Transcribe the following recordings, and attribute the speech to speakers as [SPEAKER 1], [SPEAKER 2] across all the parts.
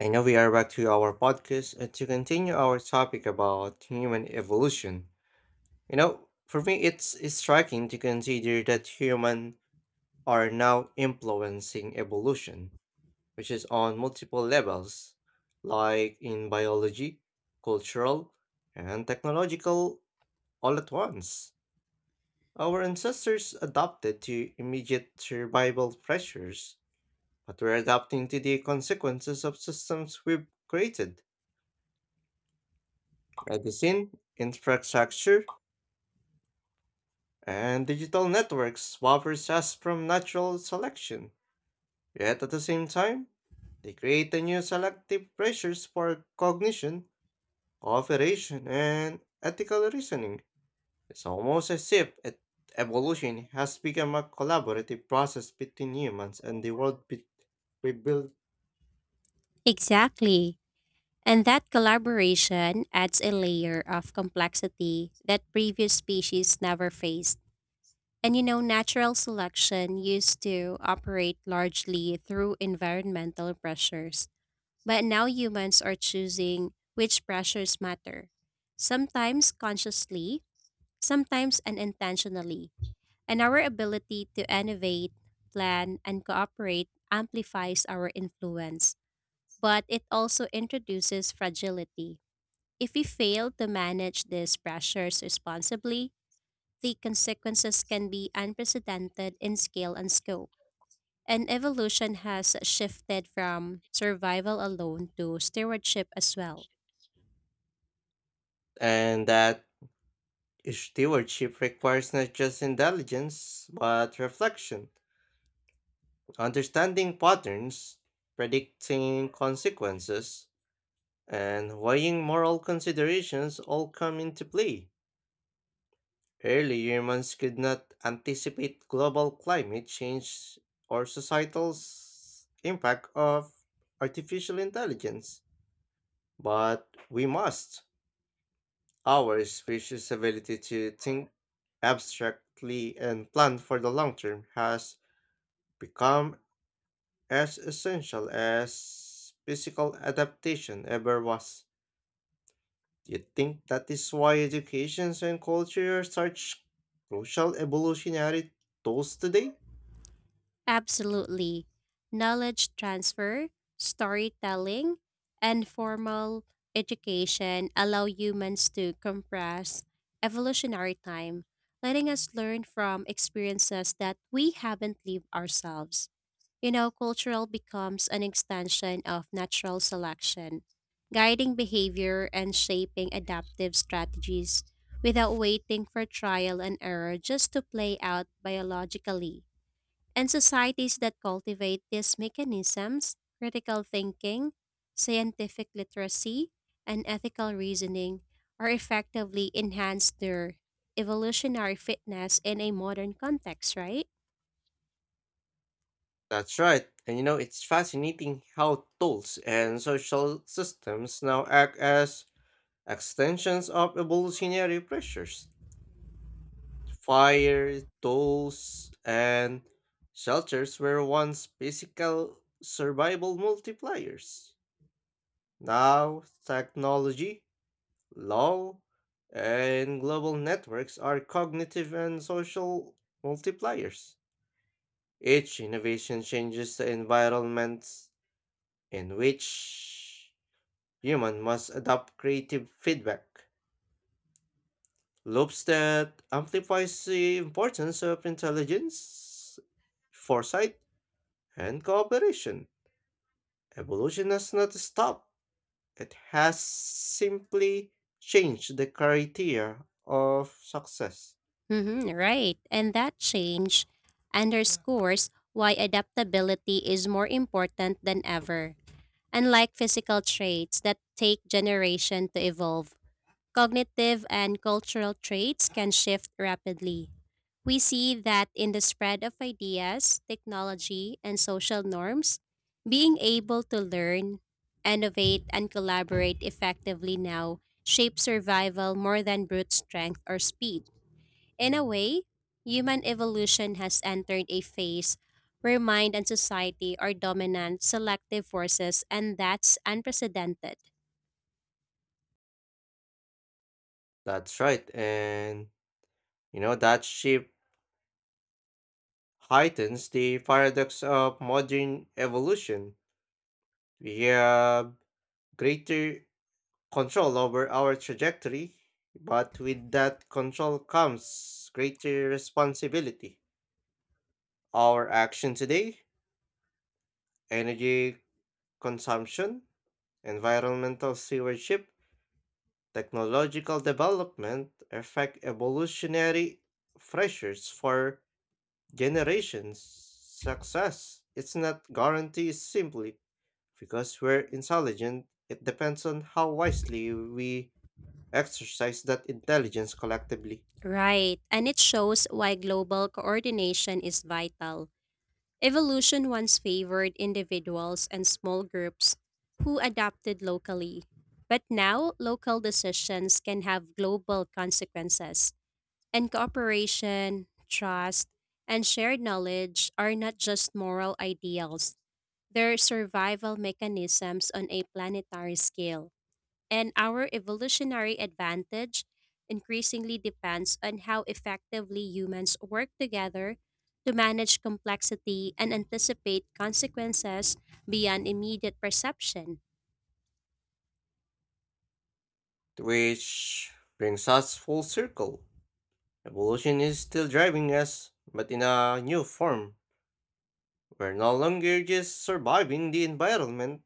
[SPEAKER 1] And now we are back to our podcast and to continue our topic about human evolution. You know, for me, it's striking to consider that humans are now influencing evolution, which is on multiple levels, like in biology, cultural, and technological, all at once. Our ancestors adapted to immediate survival pressures, but we're adapting to the consequences of systems we've created. Medicine, infrastructure, and digital networks suffers us from natural selection. Yet at the same time, they create a new selective pressures for cognition, cooperation, and ethical reasoning. It's almost as if evolution has become a collaborative process between humans and the world we build,
[SPEAKER 2] Exactly. And that collaboration adds a layer of complexity that previous species never faced. And you know, natural selection used to operate largely through environmental pressures, but now humans are choosing which pressures matter, sometimes consciously, sometimes unintentionally. And our ability to innovate, plan, and cooperate amplifies our influence, but it also introduces fragility. If we fail to manage these pressures responsibly, the consequences can be unprecedented in scale and scope. And evolution has shifted from survival alone to stewardship as well.
[SPEAKER 1] and that stewardship requires not just intelligence but reflection. Understanding patterns, predicting consequences, and weighing moral considerations all come into play. Early humans could not anticipate global climate change or societal impact of artificial intelligence, but we must. Our species' ability to think abstractly and plan for the long term has become as essential as physical adaptation ever was. Do you think that is why education and culture are such crucial evolutionary tools today?
[SPEAKER 2] Absolutely. Knowledge transfer, storytelling, and formal education allow humans to compress evolutionary time, letting us learn from experiences that we haven't lived ourselves. You know, cultural becomes an extension of natural selection, guiding behavior and shaping adaptive strategies without waiting for trial and error just to play out biologically. And societies that cultivate these mechanisms, critical thinking, scientific literacy, and ethical reasoning, are effectively enhance their evolutionary fitness in a modern context, right?
[SPEAKER 1] That's right. And you know, it's fascinating how tools and social systems now act as extensions of evolutionary pressures. Fire, tools, and shelters were once physical survival multipliers. Now, technology, law, and global networks are cognitive and social multipliers. Each innovation changes the environments in which human must adopt creative feedback loops that amplifies the importance of intelligence, foresight, and cooperation. Evolution has not stopped. It has simply changed the criteria of success.
[SPEAKER 2] Hmm, right. And that change underscores why adaptability is more important than ever. Unlike physical traits that take generation to evolve, cognitive and cultural traits can shift rapidly. We see that in the spread of ideas, technology, and social norms, being able to learn, innovate, and collaborate effectively now shapes survival more than brute strength or speed. In a way, human evolution has entered a phase where mind and society are dominant selective forces, and that's unprecedented.
[SPEAKER 1] That's right, and you know that shift heightens the paradox of modern evolution. We have greater control over our trajectory, but with that control comes greater responsibility. Our action today, energy consumption, environmental stewardship, technological development affect evolutionary pressures for generations. Success it's not guaranteed simply because we're intelligent. It depends on how wisely we exercise that intelligence collectively.
[SPEAKER 2] Right, and it shows why global coordination is vital. Evolution once favored individuals and small groups who adapted locally, but now local decisions can have global consequences, and cooperation, trust, and shared knowledge are not just moral ideals, they're survival mechanisms on a planetary scale, and our evolutionary advantage increasingly depends on how effectively humans work together to manage complexity and anticipate consequences beyond immediate perception.
[SPEAKER 1] Which brings us full circle. Evolution is still driving us, but in a new form. We're no longer just surviving the environment,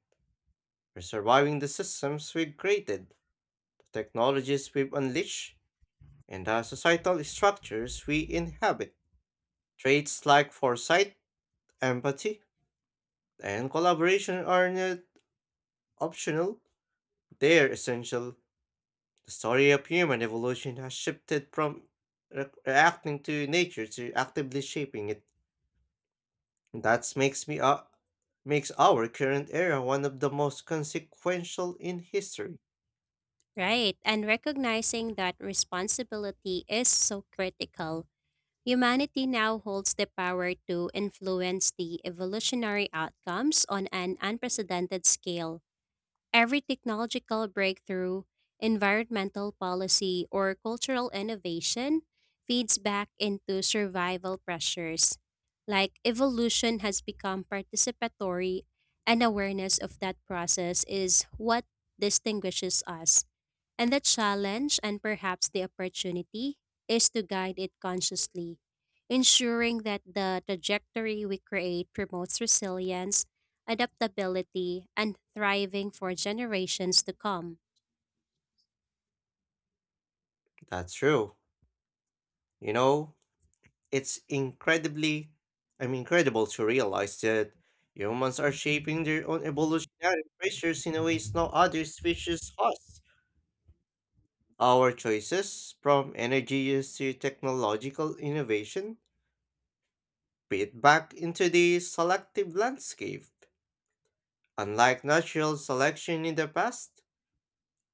[SPEAKER 1] we're surviving the systems we've created. Technologies we've unleashed, and the societal structures we inhabit. Traits like foresight, empathy, and collaboration are not optional, they're essential. The story of human evolution has shifted from reacting to nature to actively shaping it. That makes me, makes our current era one of the most consequential in history.
[SPEAKER 2] Right, and recognizing that responsibility is so critical, humanity now holds the power to influence the evolutionary outcomes on an unprecedented scale. Every technological breakthrough, environmental policy, or cultural innovation feeds back into survival pressures. Like evolution has become participatory, and awareness of that process is what distinguishes us. And the challenge, and perhaps the opportunity, is to guide it consciously, ensuring that the trajectory we create promotes resilience, adaptability, and thriving for generations to come.
[SPEAKER 1] That's true. You know, it's incredible to realize that humans are shaping their own evolutionary pressures in a ways no other species has. Our choices, from energy use to technological innovation, feed back into the selective landscape. Unlike natural selection in the past,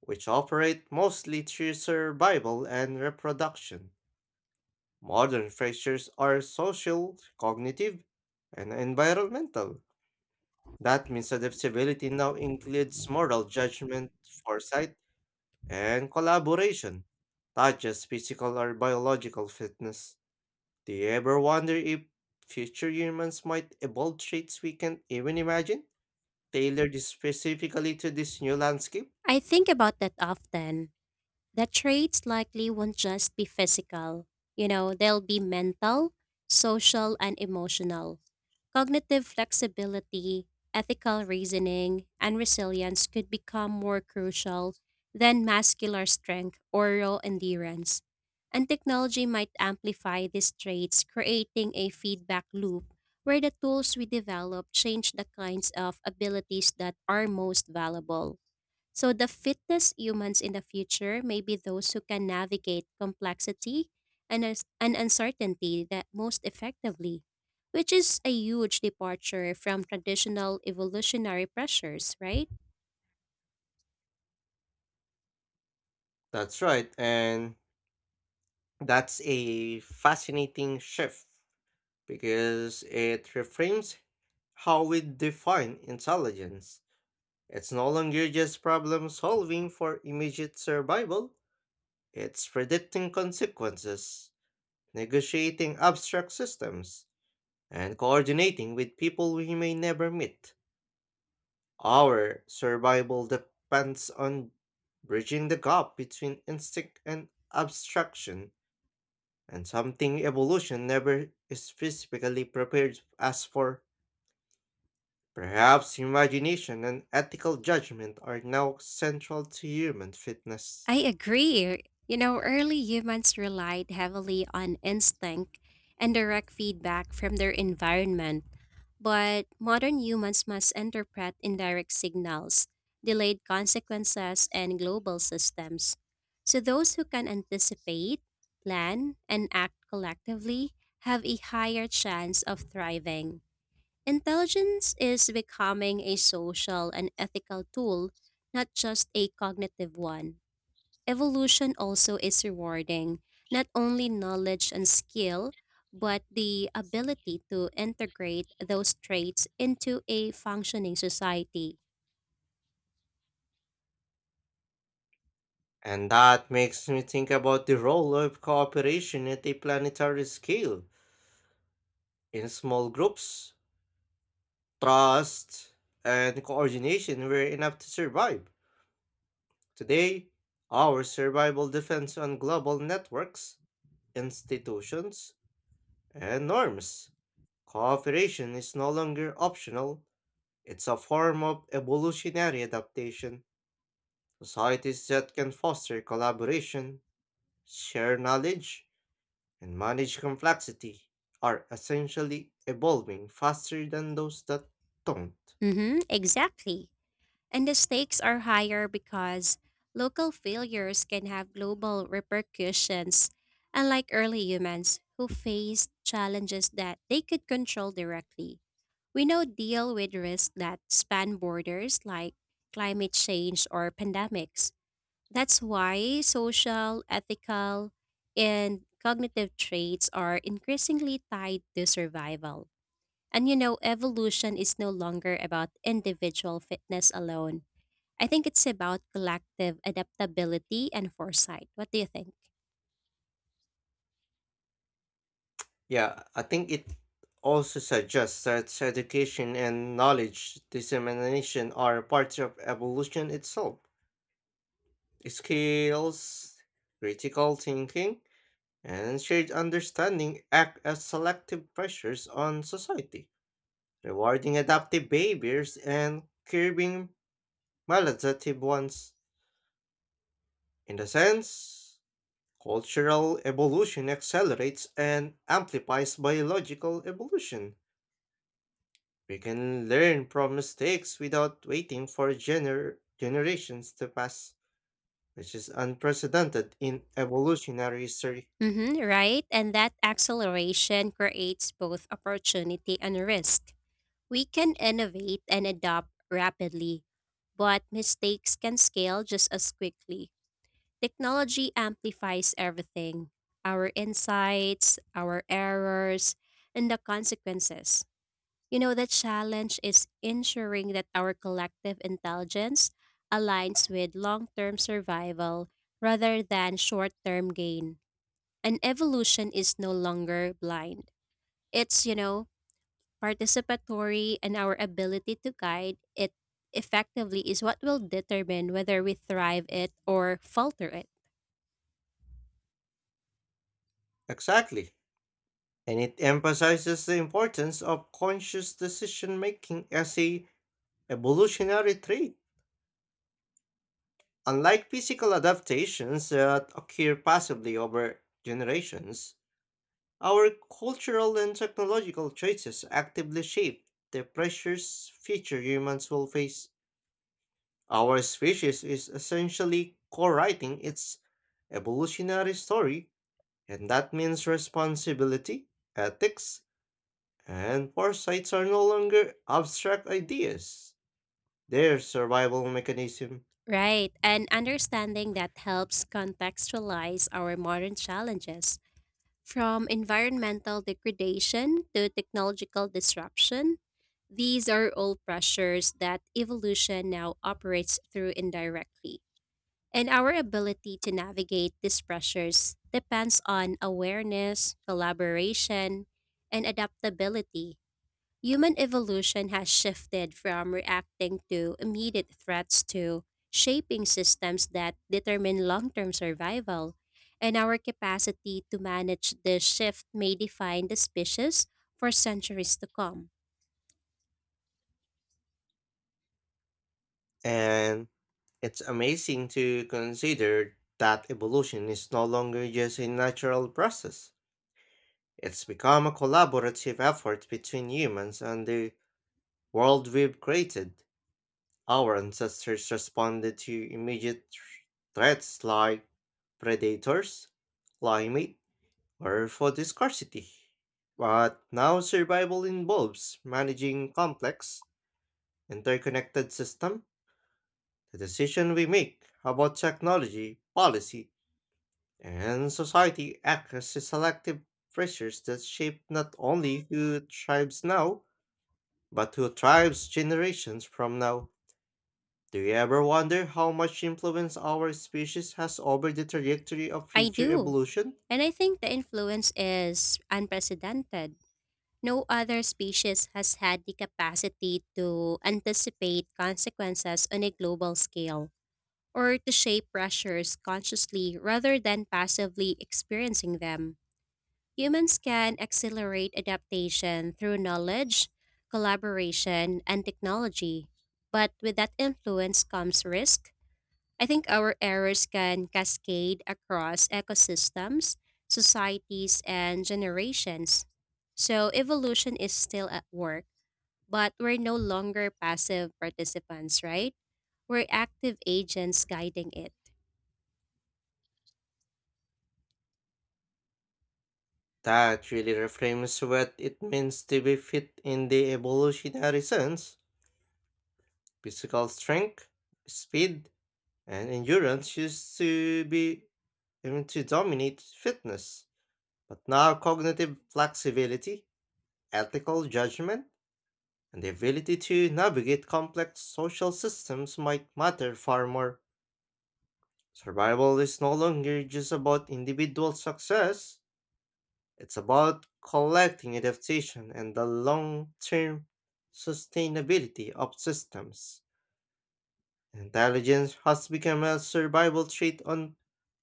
[SPEAKER 1] which operate mostly through survival and reproduction, modern pressures are social, cognitive, and environmental. That means adaptability now includes moral judgment, foresight, and collaboration, not just physical or biological fitness. Do you ever wonder if future humans might evolve traits we can't even imagine, tailored specifically to this new landscape?
[SPEAKER 2] I think about that often. The traits likely won't just be physical. You know, they'll be mental, social, and emotional. Cognitive flexibility, ethical reasoning, and resilience could become more crucial than muscular strength or raw endurance. And technology might amplify these traits, creating a feedback loop where the tools we develop change the kinds of abilities that are most valuable. So the fittest humans in the future may be those who can navigate complexity and uncertainty that most effectively, which is a huge departure from traditional evolutionary pressures, right?
[SPEAKER 1] That's right, and that's a fascinating shift because it reframes how we define intelligence. It's no longer just problem solving for immediate survival, it's predicting consequences, negotiating abstract systems, and coordinating with people we may never meet. Our survival depends on bridging the gap between instinct and abstraction, and something evolution never is physically prepared us for. Perhaps imagination and ethical judgment are now central to human fitness.
[SPEAKER 2] I agree. You know, early humans relied heavily on instinct and direct feedback from their environment. But modern humans must interpret indirect signals, delayed consequences, and global systems. So those who can anticipate, plan, and act collectively have a higher chance of thriving. Intelligence is becoming a social and ethical tool, not just a cognitive one. Evolution also is rewarding, not only knowledge and skill, but the ability to integrate those traits into a functioning society.
[SPEAKER 1] And that makes me think about the role of cooperation at a planetary scale in small groups. Trust and coordination were enough to survive. Today, our survival depends on global networks, institutions, and norms. Cooperation is no longer optional, it's a form of evolutionary adaptation. Societies that can foster collaboration, share knowledge, and manage complexity are essentially evolving faster than those that don't.
[SPEAKER 2] Mm-hmm, exactly. And the stakes are higher because local failures can have global repercussions, unlike early humans who faced challenges that they could control directly. We now deal with risks that span borders like climate change or pandemics. That's why social, ethical, and cognitive traits are increasingly tied to survival. And you know, evolution is no longer about individual fitness alone. I think it's about collective adaptability and foresight. What do you think?
[SPEAKER 1] Yeah, I think it also suggests that education and knowledge dissemination are parts of evolution itself. Skills, critical thinking, and shared understanding act as selective pressures on society, rewarding adaptive behaviors and curbing maladaptive ones. In the sense, cultural evolution accelerates and amplifies biological evolution. We can learn from mistakes without waiting for generations to pass, which is unprecedented in evolutionary history.
[SPEAKER 2] Mm-hmm, right? And that acceleration creates both opportunity and risk. We can innovate and adopt rapidly, but mistakes can scale just as quickly. Technology amplifies everything, our insights, our errors, and the consequences. You know, the challenge is ensuring that our collective intelligence aligns with long term survival rather than short term gain. And evolution is no longer blind. It's, you know, participatory, and our ability to guide it effectively is what will determine whether we thrive it or falter it.
[SPEAKER 1] Exactly. And it emphasizes the importance of conscious decision making as a evolutionary trait. Unlike physical adaptations that occur passively over generations, our cultural and technological choices actively shape the pressures future humans will face. Our species is essentially co writing its evolutionary story, and that means responsibility, ethics, and foresights are no longer abstract ideas. They're survival mechanism.
[SPEAKER 2] Right, and understanding that helps contextualize our modern challenges from environmental degradation to technological disruption. These are all pressures that evolution now operates through indirectly. And our ability to navigate these pressures depends on awareness, collaboration, and adaptability. Human evolution has shifted from reacting to immediate threats to shaping systems that determine long term survival. And our capacity to manage this shift may define the species for centuries to come.
[SPEAKER 1] And it's amazing to consider that evolution is no longer just a natural process. It's become a collaborative effort between humans and the world we've created. Our ancestors responded to immediate threats like predators, climate, or food scarcity. But now survival involves managing complex, interconnected system. The decision we make about technology, policy, and society act as selective pressures that shape not only who thrives now, but who thrives generations from now? Do you ever wonder how much influence our species has over the trajectory of
[SPEAKER 2] I
[SPEAKER 1] future
[SPEAKER 2] do.
[SPEAKER 1] evolution?
[SPEAKER 2] And I think the influence is unprecedented. No other species has had the capacity to anticipate consequences on a global scale, or to shape pressures consciously rather than passively experiencing them. Humans can accelerate adaptation through knowledge, collaboration, and technology. But with that influence comes risk. I think our errors can cascade across ecosystems, societies, and generations. So evolution is still at work, but we're no longer passive participants, right? We're active agents guiding it.
[SPEAKER 1] That really reframes what it means to be fit in the evolutionary sense. Physical strength, speed, and endurance used to be I mean, to dominate fitness, but now cognitive flexibility, ethical judgment, and the ability to navigate complex social systems might matter far more. Survival is no longer just about individual success, it's about collecting adaptation and the long term sustainability of systems. Intelligence has become a survival trait on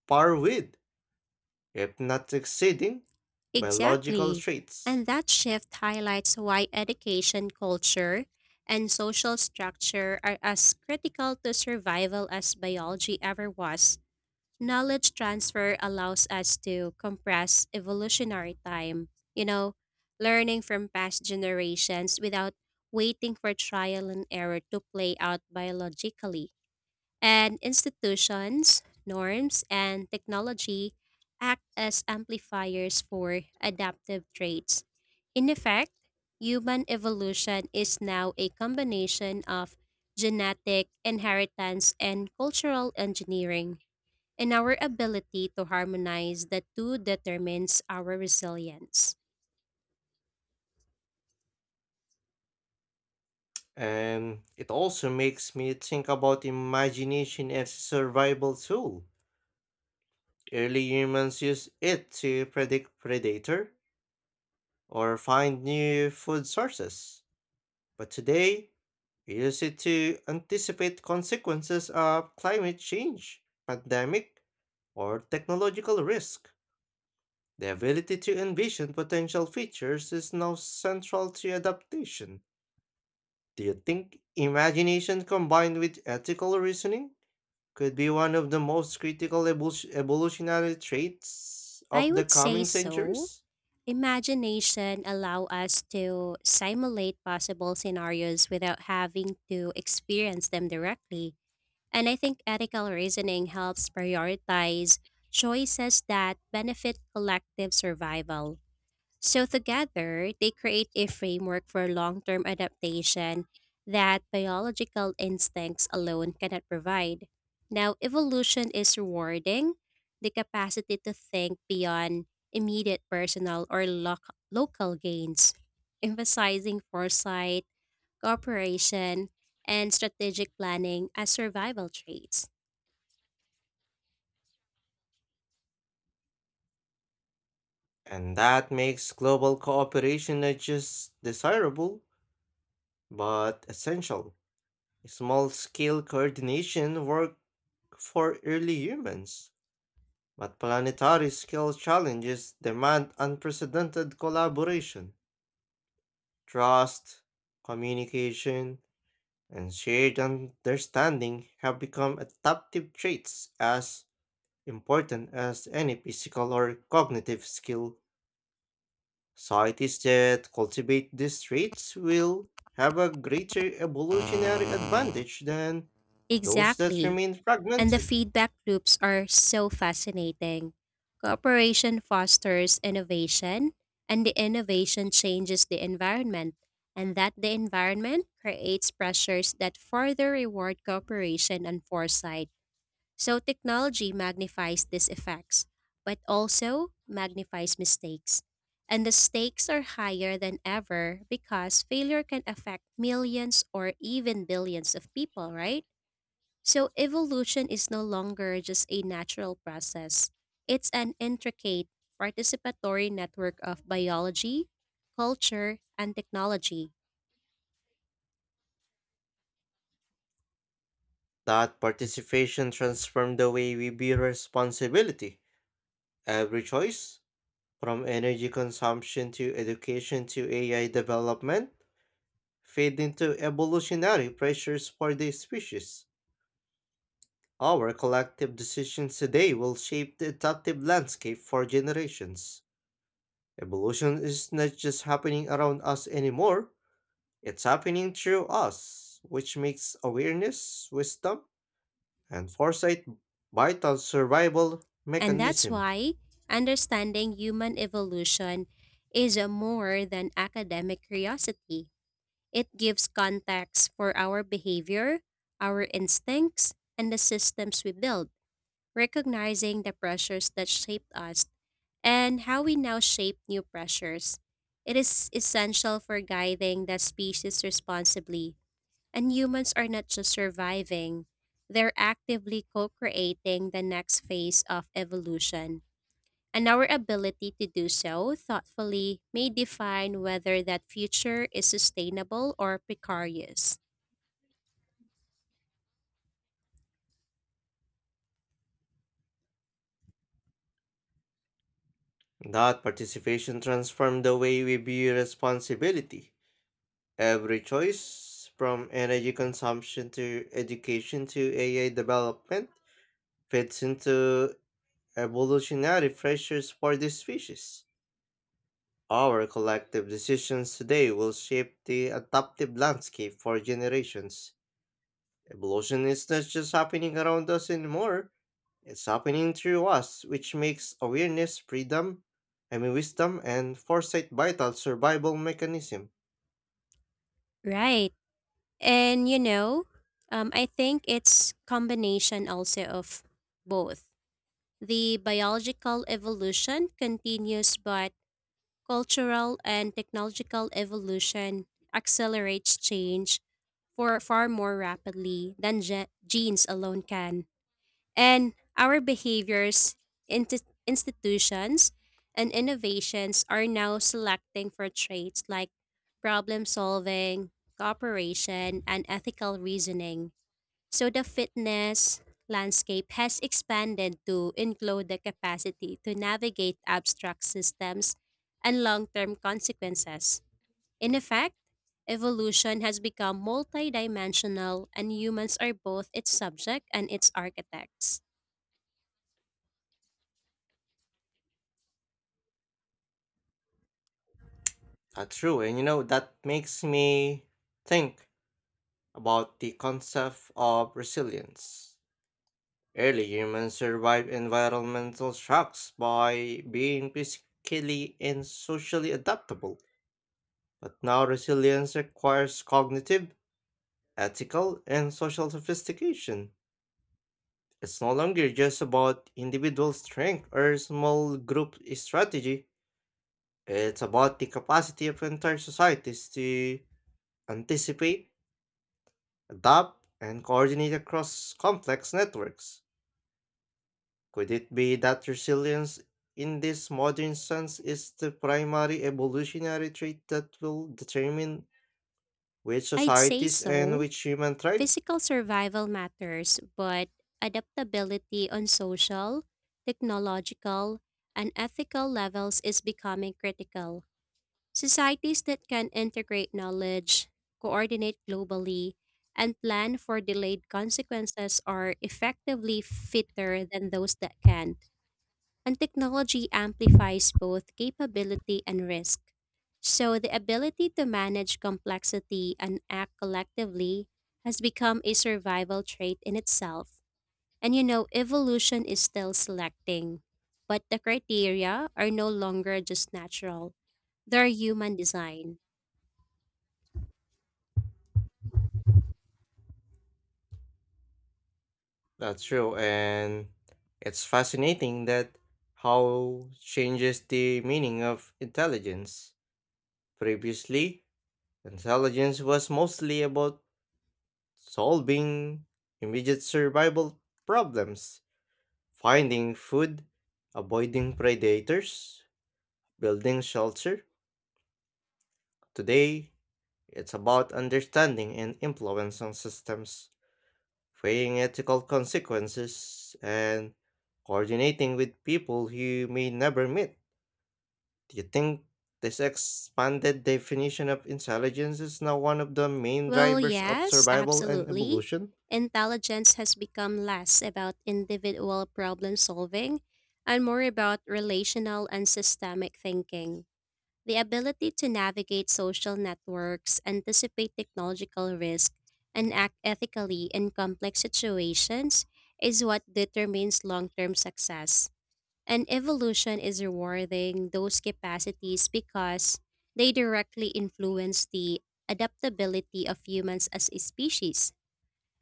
[SPEAKER 1] par with, if not exceeding, biological
[SPEAKER 2] Exactly.
[SPEAKER 1] traits.
[SPEAKER 2] And that shift highlights why education, culture, and social structure are as critical to survival as biology ever was. Knowledge transfer allows us to compress evolutionary time, you know, learning from past generations without waiting for trial and error to play out biologically, and institutions, norms, and technology act as amplifiers for adaptive traits. In effect, human evolution is now a combination of genetic inheritance and cultural engineering, and our ability to harmonize the two determines our resilience.
[SPEAKER 1] And it also makes me think about imagination as a survival tool. Early humans used it to predict predator or find new food sources. But today, we use it to anticipate consequences of climate change, pandemic, or technological risk. The ability to envision potential features is now central to adaptation. Do you think imagination combined with ethical reasoning could be one of the most critical evolutionary traits
[SPEAKER 2] I
[SPEAKER 1] of the
[SPEAKER 2] would say
[SPEAKER 1] coming
[SPEAKER 2] so.
[SPEAKER 1] centuries?
[SPEAKER 2] Imagination allow us to simulate possible scenarios without having to experience them directly. And I think ethical reasoning helps prioritize choices that benefit collective survival. So, together, they create a framework for long term adaptation that biological instincts alone cannot provide. Now, evolution is rewarding the capacity to think beyond immediate personal or local gains, emphasizing foresight, cooperation, and strategic planning as survival traits.
[SPEAKER 1] And that makes global cooperation not just desirable, but essential. Small scale coordination work for early humans, but planetary scale challenges demand unprecedented collaboration, trust, communication, and shared understanding have become adaptive traits as important as any physical or cognitive skill. Societies that cultivate these traits will have a greater evolutionary advantage than those that
[SPEAKER 2] Exactly.
[SPEAKER 1] remain
[SPEAKER 2] And the
[SPEAKER 1] fragmented.
[SPEAKER 2] feedback loops are so fascinating. Cooperation fosters innovation, and the innovation changes the environment, and that the environment creates pressures that further reward cooperation and foresight. So technology magnifies these effects, but also magnifies mistakes. And the stakes are higher than ever because failure can affect millions or even billions of people, right? So evolution is no longer just a natural process. It's an intricate, participatory network of biology, culture, and technology.
[SPEAKER 1] That participation transforms the way we view responsibility. Every choice, from energy consumption to education to AI development, feed into evolutionary pressures for the species. Our collective decisions today will shape the adaptive landscape for generations. Evolution is not just happening around us anymore, it's happening through us, which makes awareness, wisdom, and foresight vital survival
[SPEAKER 2] And that's
[SPEAKER 1] mechanism.
[SPEAKER 2] why understanding human evolution is a more than academic curiosity. It gives context for our behavior, our instincts, and the systems we build, recognizing the pressures that shaped us and how we now shape new pressures. It is essential for guiding the species responsibly, and humans are not just surviving, they're actively co creating the next phase of evolution. And our ability to do so thoughtfully may define whether that future is sustainable or precarious.
[SPEAKER 1] That participation transforms the way we view responsibility. Every choice, from energy consumption to education to AI development, fits into evolutionary pressures for this species. Our collective decisions today will shape the adaptive landscape for generations. Evolution is not just happening around us anymore, it's happening through us, which makes awareness, freedom, I mean wisdom and foresight vital survival mechanism.
[SPEAKER 2] Right. And you know, I think it's combination also of both. The biological evolution continues, but cultural and technological evolution accelerates change for far more rapidly than genes alone can. And our behaviors, institutions, and innovations are now selecting for traits like problem solving, cooperation, and ethical reasoning. So the fitness landscape has expanded to include the capacity to navigate abstract systems and long term consequences. In effect, evolution has become multidimensional, and humans are both its subject and its architects.
[SPEAKER 1] True, and you know that makes me think about the concept of resilience. Early humans survived environmental shocks by being physically and socially adaptable. But now resilience requires cognitive, ethical, and social sophistication. It's no longer just about individual strength or small group strategy. It's about the capacity of entire societies to anticipate, adapt, and coordinate across complex networks. Could it be that resilience in this modern sense is the primary evolutionary trait that will determine which
[SPEAKER 2] I'd say
[SPEAKER 1] societies and
[SPEAKER 2] so.
[SPEAKER 1] which human thrive?
[SPEAKER 2] Physical survival matters, but adaptability on social, technological, and ethical levels is becoming critical. Societies that can integrate knowledge, coordinate globally, and plan for delayed consequences are effectively fitter than those that can't. And technology amplifies both capability and risk. So, the ability to manage complexity and act collectively has become a survival trait in itself. And you know, evolution is still selecting, but the criteria are no longer just natural, they're human design.
[SPEAKER 1] That's true, and it's fascinating that how changes the meaning of intelligence. Previously, intelligence was mostly about solving immediate survival problems, finding food, avoiding predators, building shelter. Today, it's about understanding and influence on systems. Weighing ethical consequences, and coordinating with people you may never meet. Do you think this expanded definition of intelligence is now one of the main
[SPEAKER 2] Well,
[SPEAKER 1] drivers of
[SPEAKER 2] yes,
[SPEAKER 1] survival and
[SPEAKER 2] absolutely.
[SPEAKER 1] evolution?
[SPEAKER 2] Intelligence has become less about individual problem solving and more about relational and systemic thinking. The ability to navigate social networks, anticipate technological risk, and act ethically in complex situations is what determines long term success. And evolution is rewarding those capacities because they directly influence the adaptability of humans as a species.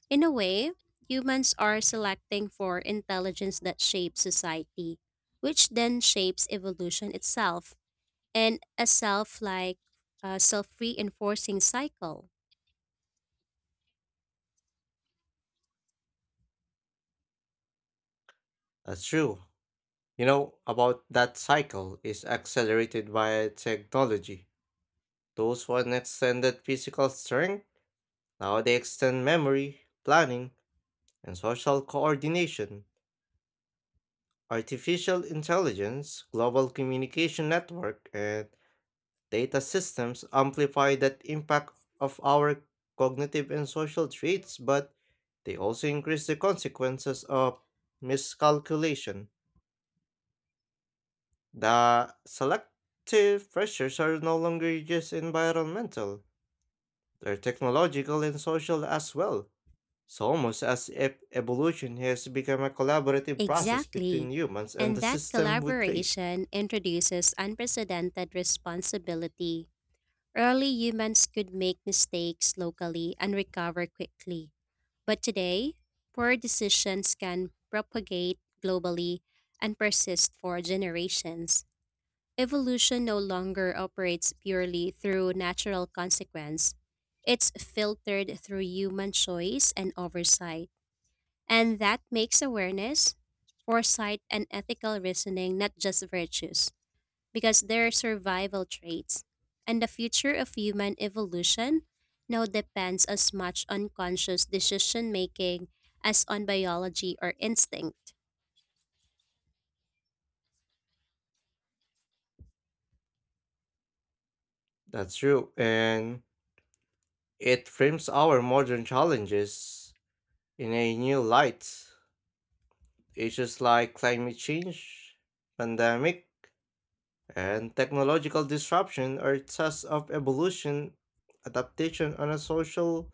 [SPEAKER 2] In a way, humans are selecting for intelligence that shapes society, which then shapes evolution itself, and a self reinforcing cycle.
[SPEAKER 1] That's true. You know, about that cycle is accelerated by technology. Those who had extended physical strength now they extend memory, planning, and social coordination. Artificial intelligence, global communication network, and data systems amplify that impact of our cognitive and social traits, but they also increase the consequences of miscalculation. The selective pressures are no longer just environmental, they're technological and social as well. It's almost as if evolution has become a collaborative process between
[SPEAKER 2] Exactly.
[SPEAKER 1] humans and the
[SPEAKER 2] And that
[SPEAKER 1] system we create.
[SPEAKER 2] collaboration introduces unprecedented responsibility. Early humans could make mistakes locally and recover quickly, but today, poor decisions can propagate globally and persist for generations. Evolution no longer operates purely through natural consequence. It's filtered through human choice and oversight, and that makes awareness, foresight, and ethical reasoning not just virtues because their survival traits, and the future of human evolution now depends as much on conscious decision making as on biology or instinct.
[SPEAKER 1] That's true. And it frames our modern challenges in a new light. Issues like climate change, pandemic, and technological disruption are tests of evolution adaptation on a social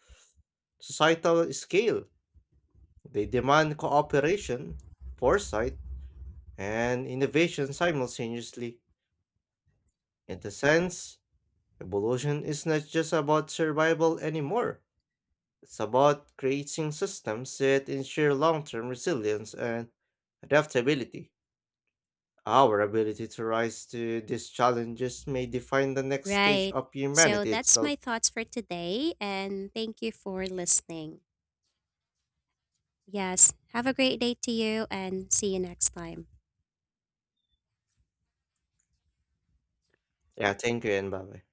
[SPEAKER 1] societal scale. They demand cooperation, foresight, and innovation simultaneously. In the sense, evolution is not just about survival anymore. It's about creating systems that ensure long term resilience and adaptability. Our ability to rise to these challenges may define the next stage
[SPEAKER 2] Right.
[SPEAKER 1] of
[SPEAKER 2] So
[SPEAKER 1] humanity
[SPEAKER 2] that's
[SPEAKER 1] itself.
[SPEAKER 2] my thoughts for today, and thank you for listening. Yes, have a great day to you, and see you next time.
[SPEAKER 1] Yeah, thank you and bye bye.